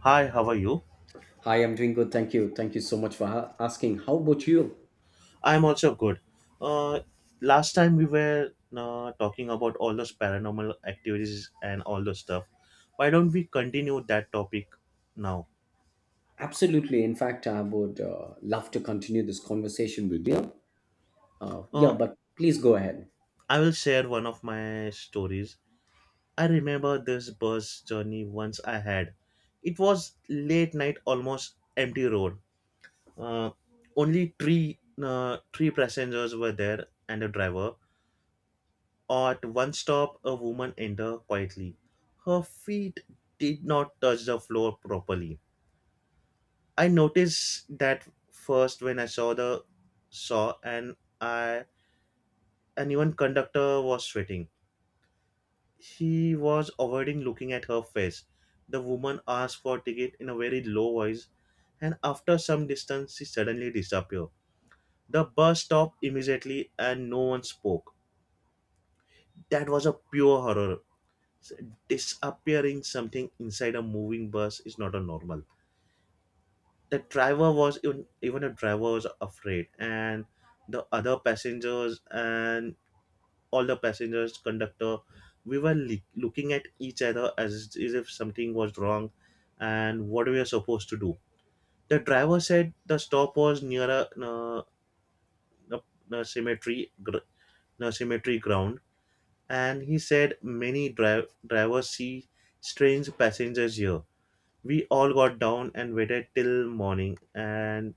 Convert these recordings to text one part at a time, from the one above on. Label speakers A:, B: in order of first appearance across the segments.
A: Hi, how are you?
B: Hi, I'm doing good. Thank you. Thank you so much for asking. How about you?
A: I'm also good. Uh, Last time we were talking about all those paranormal activities and all those stuff. Why don't we continue that topic now?
B: Absolutely. In fact, I would love to continue this conversation with you. Yeah,
A: Uh,
B: but please go ahead.
A: I will share one of my stories. I remember this bus journey once I had. It was late night, almost empty road. Uh, Only three passengers were there and a driver. At one stop, a woman entered quietly. Her feet did not touch the floor properly. I noticed that first when I saw the saw and I and even conductor was sweating. He was avoiding looking at her face. The woman asked for ticket in a very low voice, and after some distance, she suddenly disappeared. The bus stopped immediately, and no one spoke. That was a pure horror. s- Disappearing something inside a moving bus is not a normal. The driver was even a driver was afraid, and the other passengers and all the passengers, conductor, we were looking at each other as if something was wrong, and what we are supposed to do. The driver said the stop was near a, a cemetery, a cemetery ground, and he said many drivers see strange passengers here. We all got down and waited till morning, and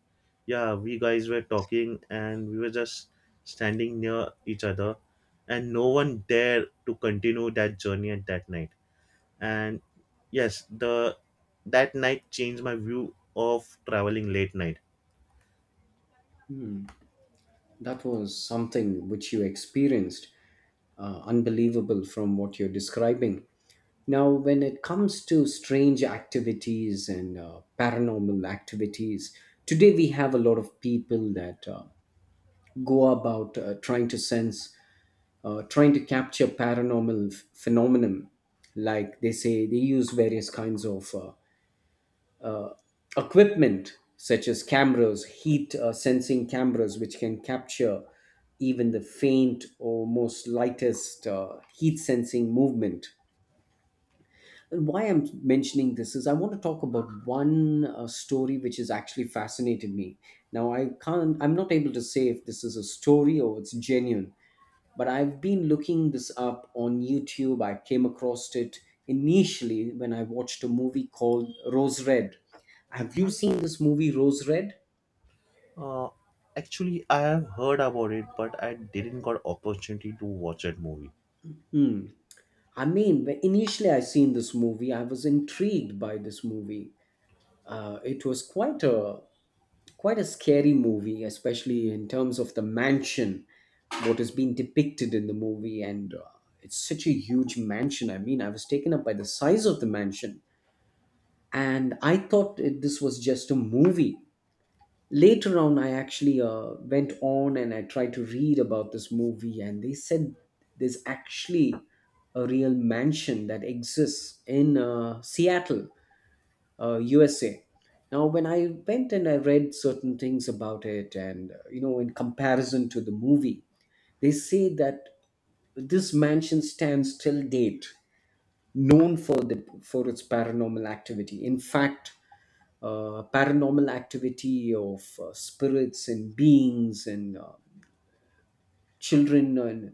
A: yeah, we guys were talking and we were just standing near each other, and no one dared to continue that journey at that night, and yes, the that night changed my view of traveling late night.
B: Hmm. That was something which you experienced, unbelievable from what you're describing. Now, when it comes to strange activities and paranormal activities, today we have a lot of people that go about trying to sense trying to capture paranormal phenomenon. Like they say, they use various kinds of equipment such as cameras, heat sensing cameras, which can capture even the faint or most lightest heat sensing movement. And why I'm mentioning this is I want to talk about one story which has actually fascinated me. Now I'm not able to say if this is a story or it's genuine, but I've been looking this up on YouTube. I came across it initially when I watched a movie called Rose Red. Have you seen this movie, Rose Red?
A: uh, Actually, I have heard about it, but I didn't got opportunity to watch that movie.
B: Hmm. I mean, initially I seen this movie. I was intrigued by this movie. It was quite a scary movie, especially in terms of the mansion, what is being depicted in the movie, and it's such a huge mansion. I mean, I was taken up by the size of the mansion. And this was just a movie. Later on, I actually went on and I tried to read about this movie, and they said there's actually a real mansion that exists in Seattle, USA. Now, when I went and I read certain things about it, and you know, in comparison to the movie, they say that this mansion stands till date, known for the for its paranormal activity. In fact, paranormal activity of spirits and beings and children and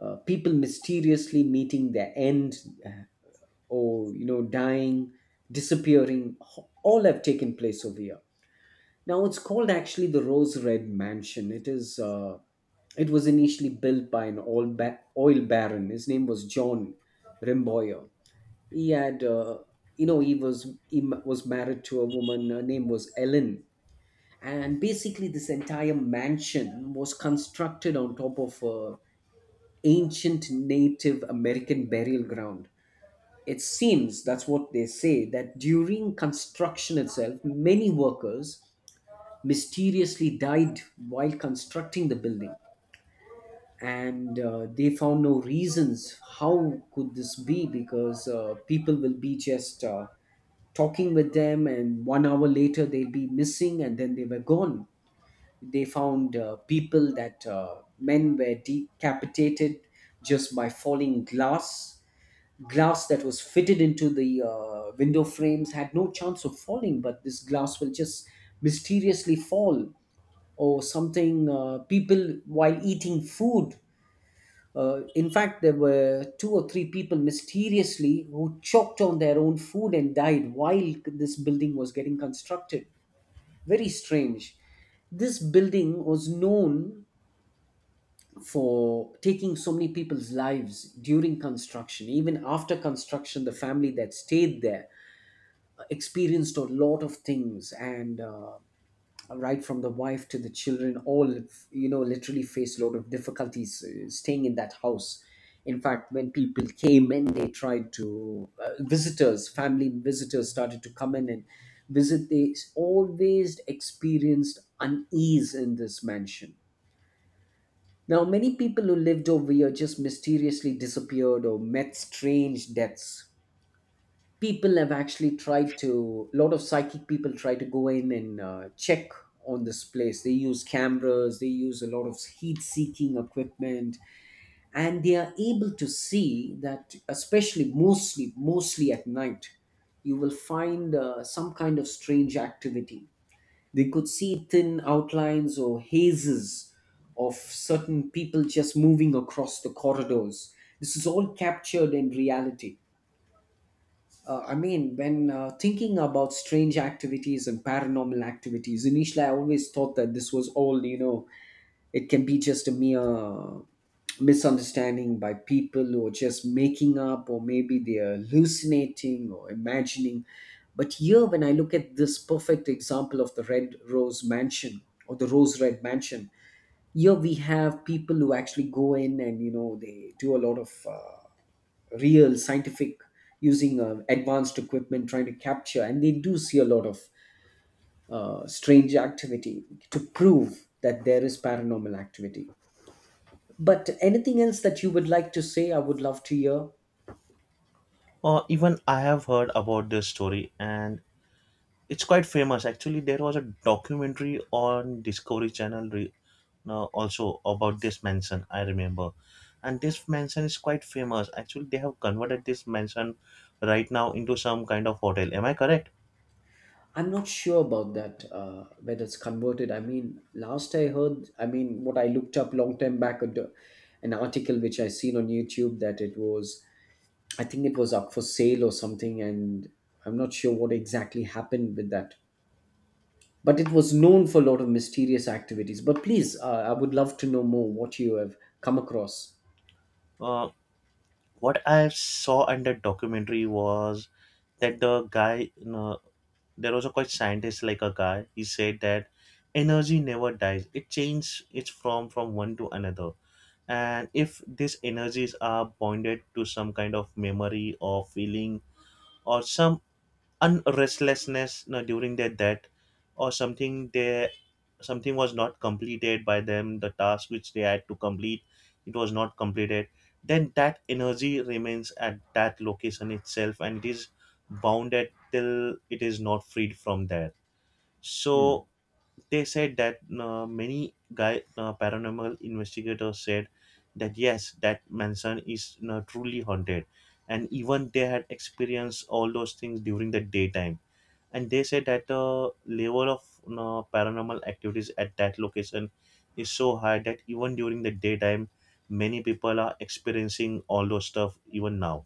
B: people mysteriously meeting their end, uh, or you know, dying, disappearing. All have taken place over here. Now, it's called actually the Rose Red Mansion. It is it was initially built by an oil baron. His name was John Rimboyer. He had, you know, he was married to a woman. Her name was Ellen. And basically, this entire mansion was constructed on top of a ancient Native American burial ground, it seems. That's what they say, that during construction itself, many workers mysteriously died while constructing the building. And they found no reasons how could this be, because people will be just talking with them, and 1 hour later they will be missing, and then they were gone. They found people that men were decapitated just by falling glass. Glass that was fitted into the window frames had no chance of falling, but this glass will just mysteriously fall or something. People while eating food, in fact, there were two or three people mysteriously who choked on their own food and died while this building was getting constructed. Very strange. This building was known for taking so many people's lives during construction. Even after construction, the family that stayed there experienced a lot of things, and right from the wife to the children, all, you know, literally faced a lot of difficulties staying in that house. In fact, when people came in, they tried to, visitors started to come in and visit. They always experienced unease in this mansion. Now, many people who lived over here just mysteriously disappeared or met strange deaths. People have actually tried to, a lot of psychic people try to go in and check on this place. They use cameras, they use a lot of heat seeking equipment, and they are able to see that, mostly at night, you will find some kind of strange activity. They could see thin outlines or hazes of certain people just moving across the corridors. This is all captured in reality. I mean, when thinking about strange activities and paranormal activities, initially I always thought that this was all, you know, it can be just a mere misunderstanding by people or just making up, or maybe they're hallucinating or imagining. But here, when I look at this perfect example of the Red Rose Mansion or the Rose Red Mansion, here we have people who actually go in, and you know, they do a lot of real scientific using advanced equipment trying to capture, and they do see a lot of strange activity to prove that there is paranormal activity. But anything else that you would like to say, I would love to hear.
A: Or even I have heard about this story, and it's quite famous. Actually, there was a documentary on Discovery Channel, also about this mansion, I remember, and this mansion is quite famous. Actually, they have converted this mansion right now into some kind of hotel. Am I correct?
B: I'm not sure about that, whether it's converted. I mean, last I heard, I mean, what I looked up long time back, an article which I seen on YouTube, that it was, I think it was up for sale or something, and I'm not sure what exactly happened with that. But it was known for a lot of mysterious activities. But please, I would love to know more what you have come across.
A: Uh, what I saw in that documentary was that the guy, you know, there was a quite scientist like a guy. He said that energy never dies. It changes. It's from one to another, and if these energies are bonded to some kind of memory or feeling or some unrestlessness, you know, during their death or something, they something was not completed by them, the task which they had to complete, it was not completed. Then that energy remains at that location itself, and it is bounded till it is not freed from there.
B: Hmm.
A: So they said that many guy paranormal investigators said that yes, that mansion is truly haunted, and even they had experienced all those things during the daytime. And they said that the level of paranormal activities at that location is so high that even during the daytime, many people are experiencing all those stuff even now.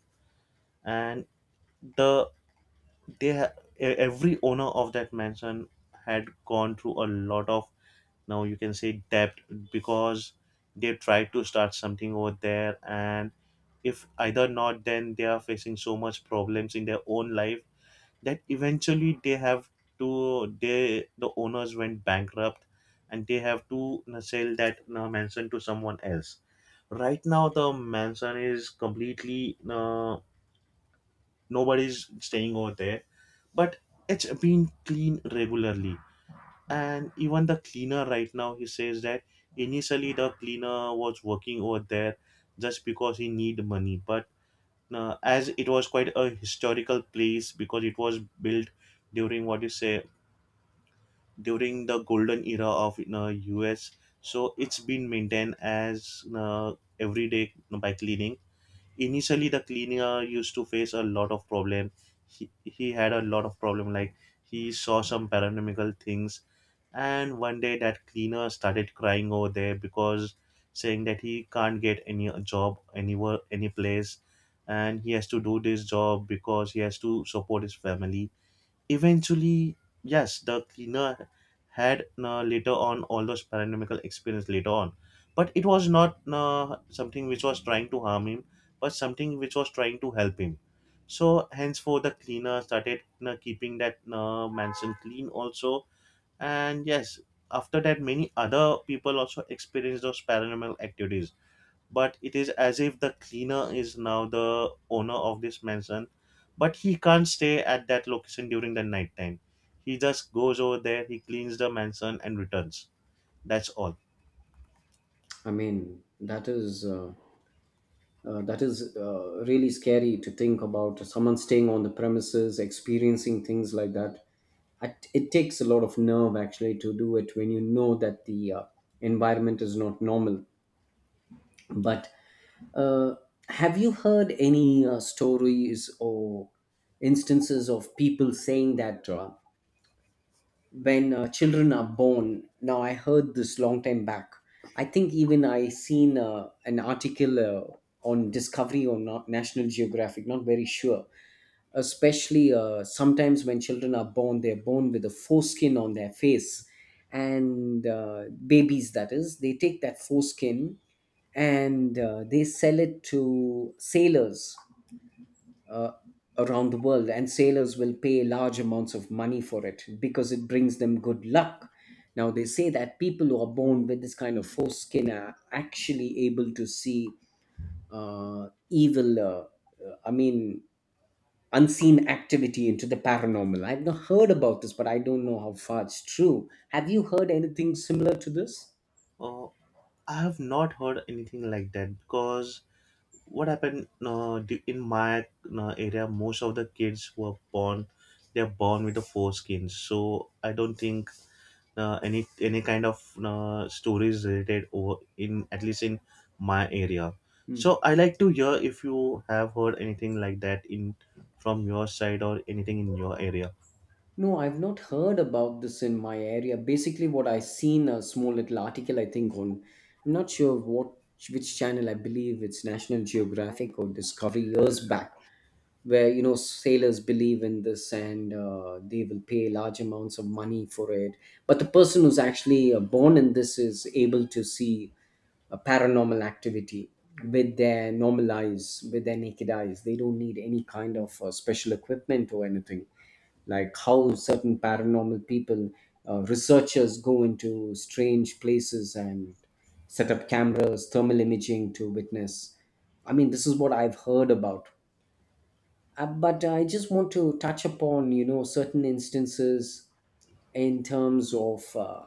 A: And the they ha- e- every owner of that mansion had gone through a lot of, now you can say, debt, because they tried to start something over there, and if either not, then they are facing so much problems in their own life, that eventually they have to, they, the owners went bankrupt, and they have to you sell that you mansion to someone else. Right now the mansion is completely nobody's staying over there, but it's been cleaned regularly. And even the cleaner right now, he says that initially the cleaner was working over there just because he need money. But as it was quite a historical place, because it was built during, what you say, during the golden era of us, so it's been maintained as every day by cleaning. Initially the cleaner used to face a lot of problem. He had a lot of problem, like he saw some paranormal things. And one day that cleaner started crying over there, because saying that he can't get any job anywhere, any place, and he has to do this job because he has to support his family. Eventually, yes, the cleaner had later on all those paranormal experience later on, but it was not something which was trying to harm him, but something which was trying to help him. So henceforth, the cleaner started keeping that mansion clean also. And yes, after that, many other people also experience those paranormal activities, but it is as if the cleaner is now the owner of this mansion. But he can't stay at that location during the night time. He just goes over there, he cleans the mansion and returns. That's all.
B: I mean, that is really scary to think about someone staying on the premises, experiencing things like that. It takes a lot of nerve actually to do it when you know that the environment is not normal. But uh, have you heard any stories or instances of people saying that when children are born? Now I heard this long time back, I think even I seen an article on Discovery or not, National Geographic, not very sure. Especially sometimes when children are born, they're born with a foreskin on their face, and babies, that is, they take that foreskin and they sell it to sailors uh, around the world, and sailors will pay large amounts of money for it because it brings them good luck. Now, they say that people who are born with this kind of foreskin are actually able to see uh, evil, uh, I mean, unseen activity into the paranormal. I've not heard about this, but I don't know how far it's true. Have you heard anything similar to this?
A: Oh, I have not heard anything like that, because what happened, in my area, most of the kids who are born, they're born with the foreskins. So I don't think any kind of stories related, or in, at least in my area.
B: Hmm.
A: So I like to hear if you have heard anything like that in, from your side, or anything in your area.
B: No, I've not heard about this in my area. Basically, what I seen, a small little article, I think on, I'm not sure what which channel. I believe it's National Geographic or Discovery years back, where you know, sailors believe in this, and they will pay large amounts of money for it. But the person who's actually born in this is able to see a paranormal activity with their normal eyes, with their naked eyes. They don't need any kind of special equipment or anything, like how certain paranormal people, researchers go into strange places and set up cameras, thermal imaging to witness. I mean, this is what I've heard about. But I just want to touch upon, you know, certain instances in terms of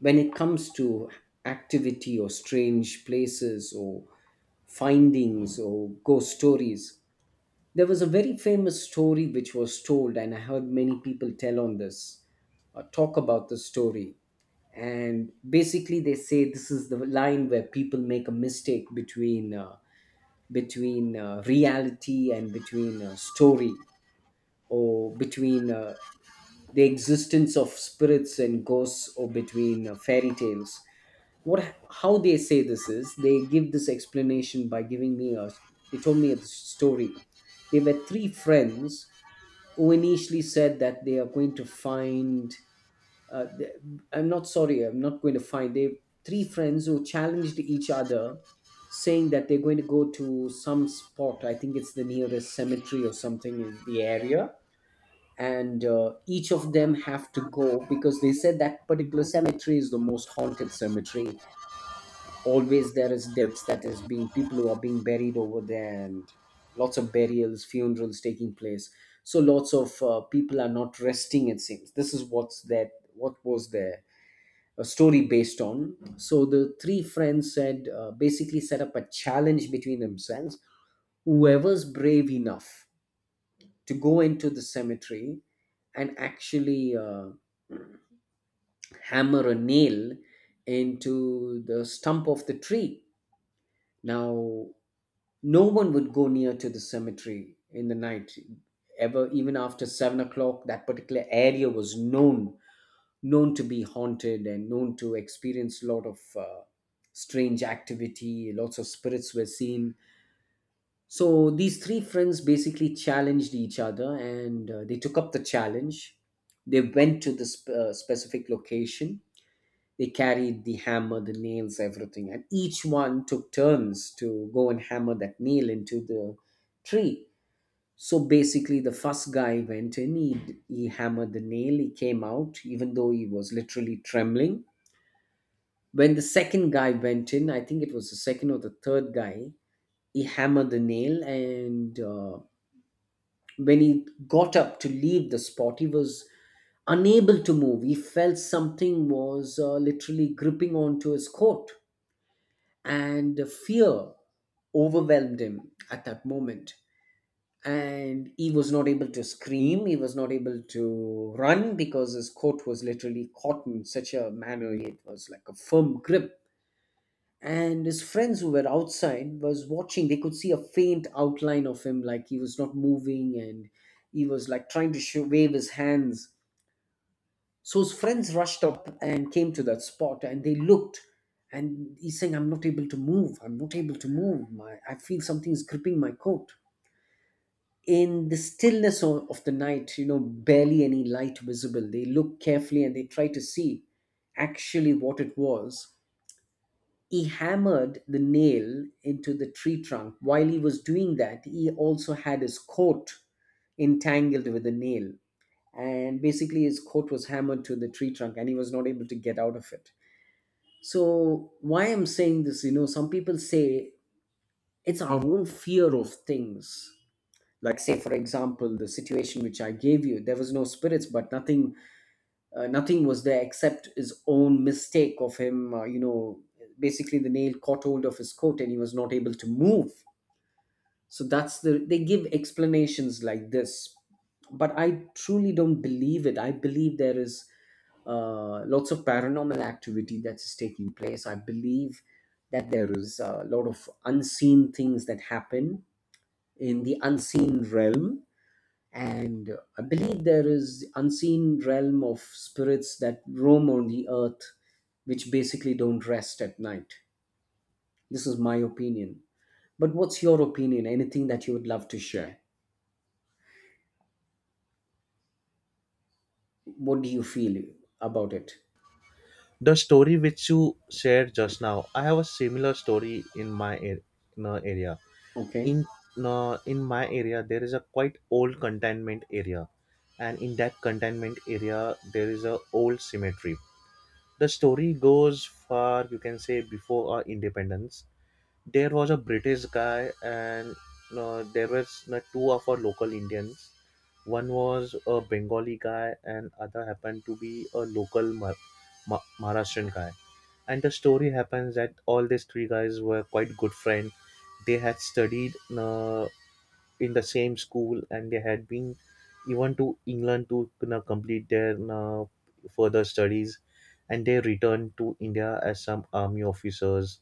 B: when it comes to activity or strange places or findings or ghost stories. There was a very famous story which was told, and I heard many people tell on this, talk about the story. And basically, they say this is the line where people make a mistake between reality and between story, or between the existence of spirits and ghosts, or between fairy tales. What How they say this is? They give this explanation by giving me a. They told me a story. They were three friends who initially said that they are going to find uh, th- I'm not sorry I'm not going to find they three friends who challenged each other, saying that they're going to go to some spot. I think it's the nearest cemetery or something in the area, and each of them have to go because they said that particular cemetery is the most haunted cemetery. Always there is deaths that is being, people who are being buried over there, and lots of burials, funerals taking place, so lots of people are not resting, it seems. This is what's that, what was there a story based on. So the three friends said, basically set up a challenge between themselves: whoever's brave enough to go into the cemetery and actually hammer a nail into the stump of the tree. Now, no one would go near to the cemetery in the night ever, even after 7 o'clock. That particular area was known to be haunted and known to experience a lot of strange activity. Lots of spirits were seen. So these three friends basically challenged each other, and they took up the challenge. They went to this specific location. They carried the hammer, the nails, everything, and each one took turns to go and hammer that nail into the tree. So basically, the first guy went in, he hammered the nail, he came out, even though he was literally trembling. When the second guy went in, I think it was the second or the third guy, he hammered the nail, and when he got up to leave the spot, he was unable to move. He felt something was literally gripping onto his coat, and fear overwhelmed him at that moment, and he was not able to scream. He was not able to run because his coat was literally caught in such a manner. It was like a firm grip. And his friends who were outside was watching. They could see a faint outline of him, like he was not moving, and he was like trying to show, wave his hands. So his friends rushed up and came to that spot and they looked, and he's saying, "I'm not able to move. I'm not able to move. My, I feel something's gripping my coat." In the stillness of the night, you know, barely any light visible, they look carefully and they try to see actually what it was. He hammered the nail into the tree trunk. While he was doing that, he also had his coat entangled with the nail, and basically his coat was hammered to the tree trunk and he was not able to get out of it. So why I'm saying this, you know, some people say it's our own fear of things. Like, say for example the situation which I gave you, there was no spirits, but nothing, nothing was there except his own mistake of him, you know, basically the nail caught hold of his coat and he was not able to move. So that's the, they give explanations like this. But I truly don't believe it. I believe there is lots of paranormal activity that is taking place. I believe that there is a lot of unseen things that happen in the unseen realm, and I believe there is unseen realm of spirits that roam on the earth, which basically don't rest at night. This is my opinion. But what's your opinion? Anything that you would love to share? What do you feel about it?
A: The story which you shared just now, I have a similar story in my area.
B: Okay.
A: in in my area, there is a quite old containment area, and in that containment area there is a old cemetery. The story goes far, you can say, before our independence. There was a British guy, and there was two of our local Indians. One was a Bengali guy, and other happened to be a local Maharashtrian guy. And the story happens that all these three guys were quite good friends. They had studied in the same school, and they had been even to England to you complete their further studies. And they returned to India as some army officers.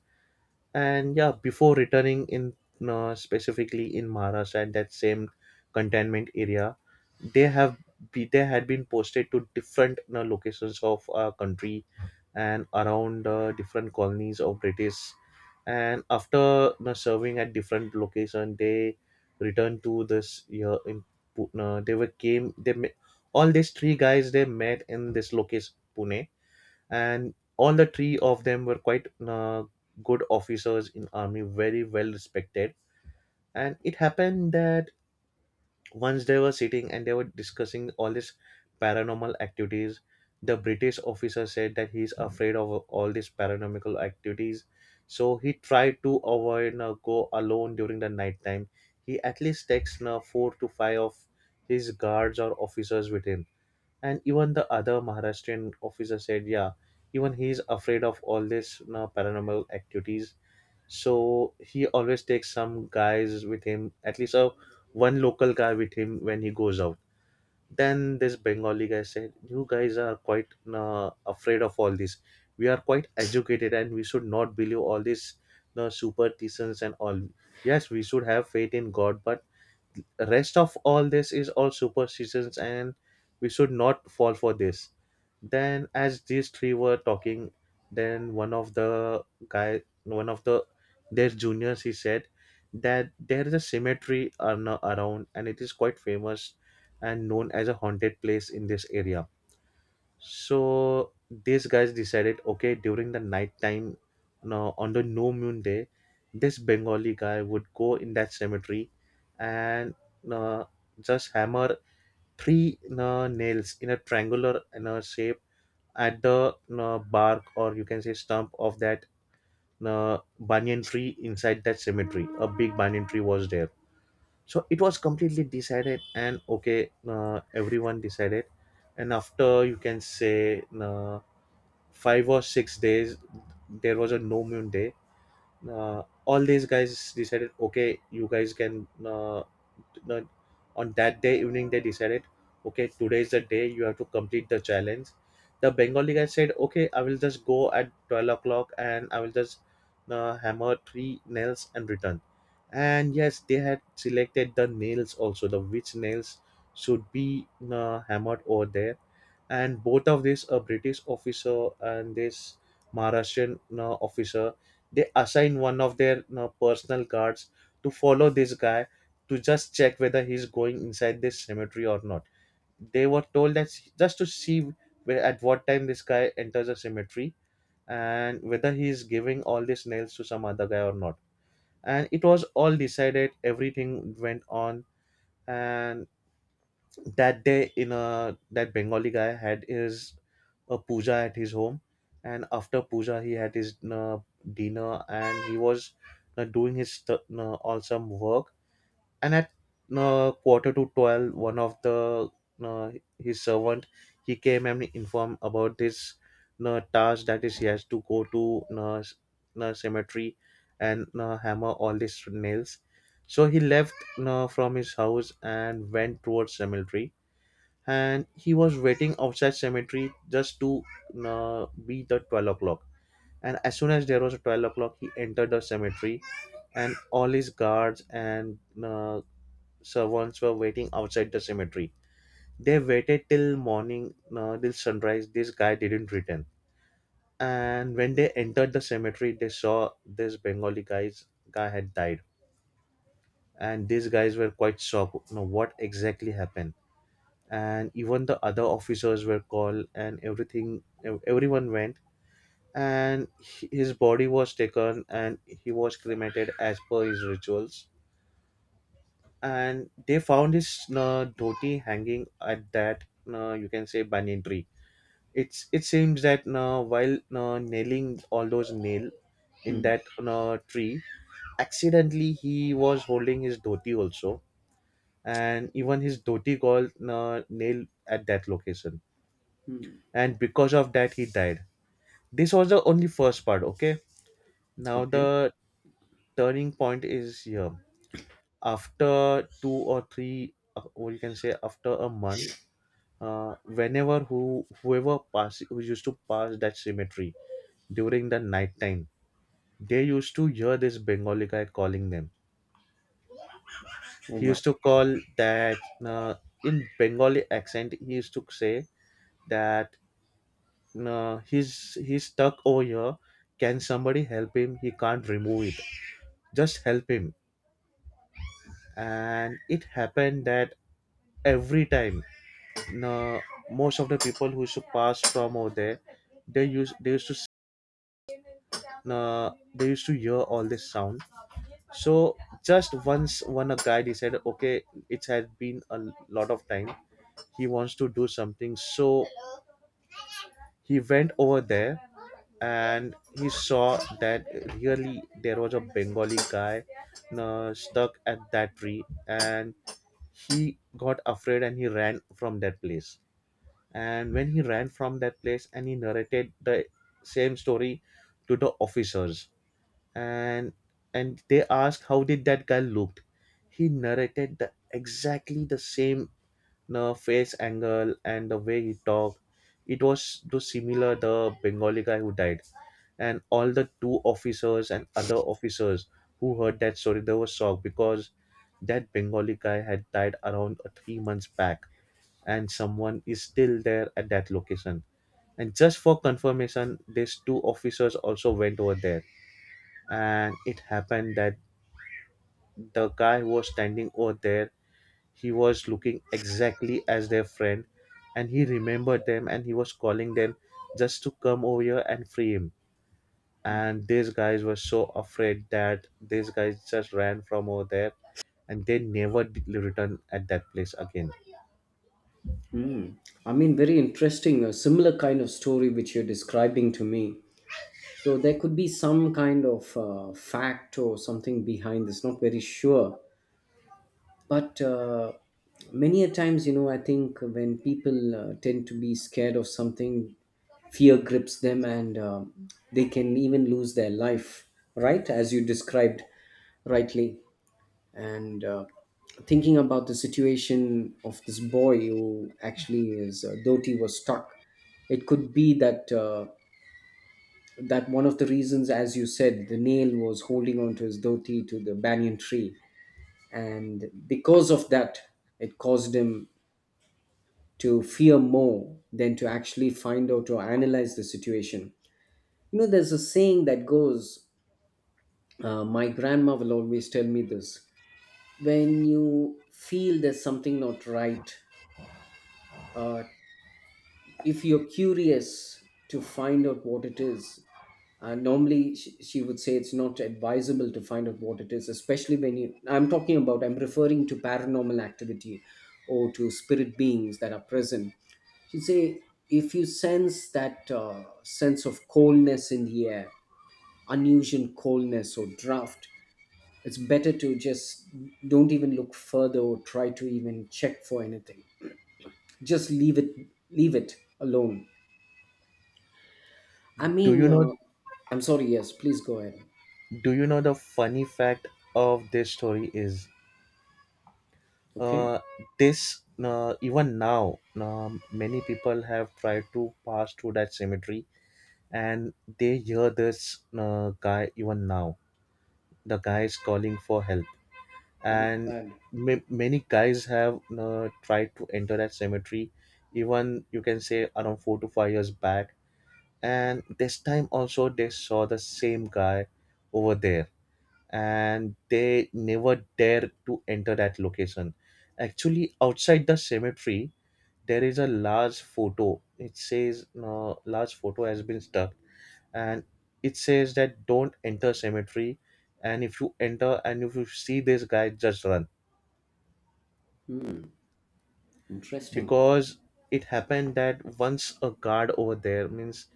A: And yeah, before returning in, specifically in Maharashtra and that same containment area, they have they had been posted to different, you know, locations of our country, and around different colonies of British. And after, you know, serving at different location, they returned to this year in Pune. They were came, they met, all these three guys they met in this location Pune. And all the three of them were quite good officers in army, very well respected. And it happened that once they were sitting and they were discussing all these paranormal activities. The British officer said that he's afraid of all these paranormal activities, so he tried to avoid go alone during the night time. He at least takes 4 to 5 of his guards or officers with him. And even the other Maharashtrian officer said, yeah, even he's afraid of all this, you know, paranormal activities. So he always takes some guys with him, at least a one local guy with him when he goes out. Then this Bengali guy said, "You guys are quite you afraid of all this. We are quite educated, and we should not believe all these you superstitions and all. Yes, we should have faith in God, but." Rest of all this is all superstitions, and we should not fall for this. Then as these three were talking, then one of the guy, one of the their juniors, he said that there is a cemetery around, and it is quite famous and known as a haunted place in this area. So these guys decided, okay, during the night time, no, on the new moon day, this Bengali guy would go in that cemetery and uh, just hammer three nails in a triangular shape at the bark, or you can say stump of that banyan tree inside that cemetery. A big banyan tree was there. So it was completely decided, and okay, everyone decided. And after 5 or 6 days there was a no moon day. All these guys decided, okay you guys can no, on that day evening they decided, okay, today is the day you have to complete the challenge. The Bengali guy said, okay, I will just go at 12 o'clock and I will just hammer three nails and return. And yes, they had selected the nails also, the which nails should be hammered over there. And both of these, a British officer and this Maharashtrian officer, they assign one of their personal guards to follow this guy, to just check whether he's going inside this cemetery or not. They were told that just to see where, at what time this guy enters a cemetery, and whether he is giving all these nails to some other guy or not. And it was all decided, everything went on. And that day, in a that Bengali guy had his a puja at his home, and after puja he had his dinner, and he was doing his awesome work. And at quarter to 12, one of the uh, his servant, he came and informed about this task, that is, he has to go to cemetery and hammer all these nails. So he left from his house and went towards cemetery, and he was waiting outside cemetery just to be the 12 o'clock. And as soon as there was a 12 o'clock, he entered the cemetery, and all his guards and uh, servants were waiting outside the cemetery. They waited till morning, till sunrise. This guy didn't return, and when they entered the cemetery, they saw this bengali guy's guy had died. And these guys were quite shocked, what exactly happened. And even the other officers were called, and everyone went, and his body was taken and he was cremated as per his rituals. And they found his dhoti hanging at that you can say banyan tree. It seems that while nailing all those nail in
B: Hmm.
A: that tree, accidentally he was holding his dhoti also, and even his dhoti got nailed at that location,
B: Hmm.
A: and because of that he died. This was the only first part, okay. Now
B: Okay.
A: the turning point is here. After two or three or you can say after a month, whenever who whoever pass who used to pass that cemetery during the night time, they used to hear this Bengali guy calling them.
B: Oh
A: He
B: my.
A: used to call that, uh, in Bengali accent, he used to say that he's stuck over here, can somebody help him, he can't remove it, just help him. And it happened that every time, no, most of the people who used to pass from over there, they used to s- no, they used to hear all this sound. So just once one a guy decided, okay, it has been a lot of time, he wants to do something. So he went over there, and he saw that really there was a Bengali guy stuck at that tree, and he got afraid and he ran from that place. And when he ran from that place, and he narrated the same story to the officers. And they asked how did that guy looked. He narrated the exactly the same, the face angle and the way he talked. It was too similar the Bengali guy who died. And all the two officers and other officers who heard that story, they were shocked, because that Bengali guy had died around 3 months back, and someone is still there at that location. And just for confirmation, these two officers also went over there, and it happened that the guy who was standing over there, he was looking exactly as their friend, and he remembered them and he was calling them just to come over here and free him. And these guys were so afraid that these guys just ran from over there, and they never returned at that place again.
B: Mm. I mean, very interesting. A similar kind of story which you're describing to me. So there could be some kind of fact or something behind this. Not very sure, but many a times, you know, I think when people tend to be scared of something, fear grips them, and they can even lose their life. Right, as you described rightly. And thinking about the situation of this boy who actually is, Dhoti was stuck. It could be that that one of the reasons, as you said, the nail was holding onto his dhoti to the banyan tree, and because of that, it caused him to fear more than to actually find out or analyze the situation. You know, there's a saying that goes. My grandma will always tell me this. When you feel there's something not right, uh, if you're curious to find out what it is, normally she would say it's not advisable to find out what it is, especially when you. I'm talking about, I'm referring to paranormal activity or to spirit beings that are present. She'd say, if you sense that sense of coldness in the air, unusual coldness or draft, it's better to just don't even look further or try to even check for anything. Just leave it alone. I
A: Do you
B: mean,
A: know?
B: I'm sorry. Yes, please go ahead.
A: Do you know the funny fact of this story is,
B: Okay,
A: uh, this even now, many people have tried to pass through that cemetery, and they hear this guy even now, the guys calling for help.
B: that is
A: And
B: sad.
A: many guys have tried to enter that cemetery, even you can say around 4 to 5 years back, and this time also they saw the same guy over there, and they never dare to enter that location. Actually, outside the cemetery there is a large photo, it says large photo has been stuck, and it says that don't enter cemetery, and if you enter and if you see this guy, just run.
B: Hmm, interesting.
A: Because it happened that once a guard over there, means,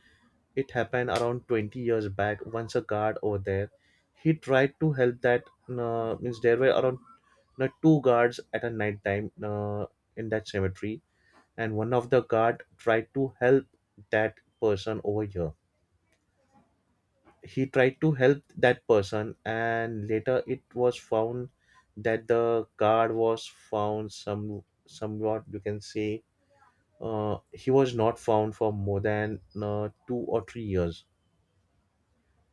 A: it happened around 20 years back, once a guard over there, he tried to help that means, there were around two guards at a night time in that cemetery, and one of the guard tried to help that person over here. He tried to help that person, and later it was found that the card was found somewhat you can say, he was not found for more than 2 or 3 years.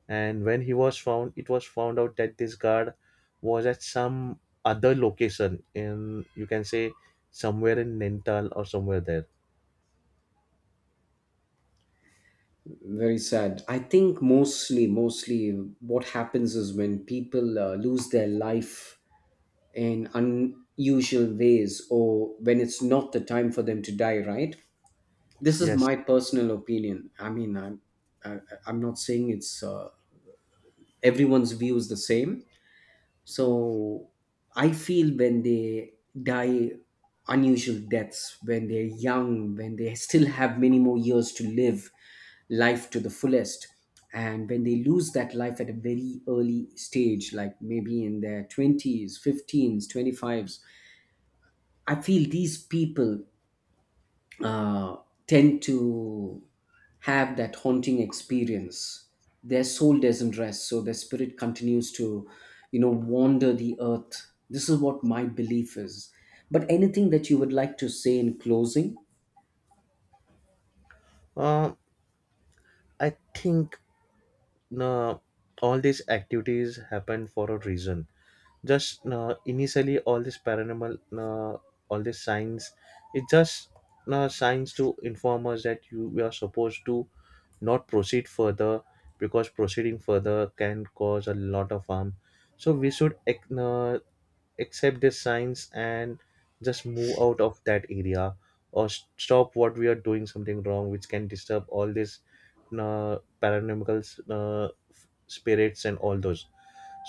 A: And when he was found, it was found out that this guard was at some other location in, you can say, somewhere in Nental or somewhere there.
B: Very sad. I think mostly, mostly what happens is when people lose their life in unusual ways, or when it's not the time for them to die. Right. This is
A: Yes,
B: my personal opinion. I mean, I'm, I, I'm not saying it's everyone's view is the same. So I feel when they die unusual deaths, when they're young, when they still have many more years to live life to the fullest, and when they lose that life at a very early stage, like maybe in their 20s, 15s, 25s, I feel these people uh, tend to have that haunting experience. Their soul doesn't rest, so their spirit continues to, you know, wander the earth. This is what my belief is. But anything that you would like to say in closing?
A: uh, I think uh, all these activities happened for a reason. Just initially all this paranormal, all this signs, it just signs to inform us that you we are supposed to not proceed further, because proceeding further can cause a lot of harm. So we should accept these signs and just move out of that area, or stop what we are doing something wrong which can disturb all these paranormal uh, spirits and all those.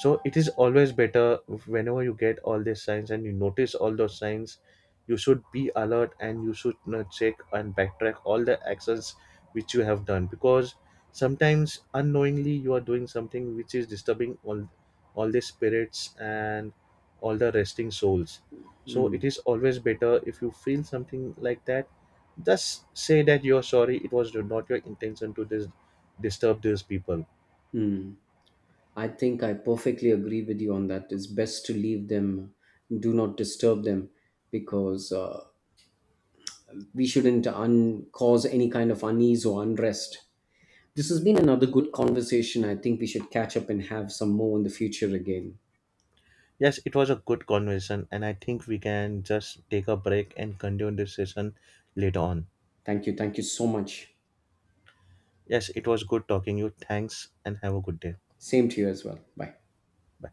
A: So it is always better, if whenever you get all these signs and you notice all those signs, you should be alert, and you should check and backtrack all the actions which you have done, because sometimes unknowingly you are doing something which is disturbing all the spirits and all the resting souls. So it is always better, if you feel something like that, just say that you're sorry, it was not your intention to disturb these people.
B: Hmm. I think I perfectly agree with you on that. It's best to leave them, do not disturb them, because we shouldn't cause any kind of unease or unrest. This has been another good conversation. I think we should catch up and have some more in the future again.
A: Yes, it was a good conversation, and I think we can just take a break and continue this session later on.
B: Thank you. Thank you so much.
A: Yes, it was good talking you. Thanks, and have a good day.
B: Same to you as well. Bye.
A: Bye.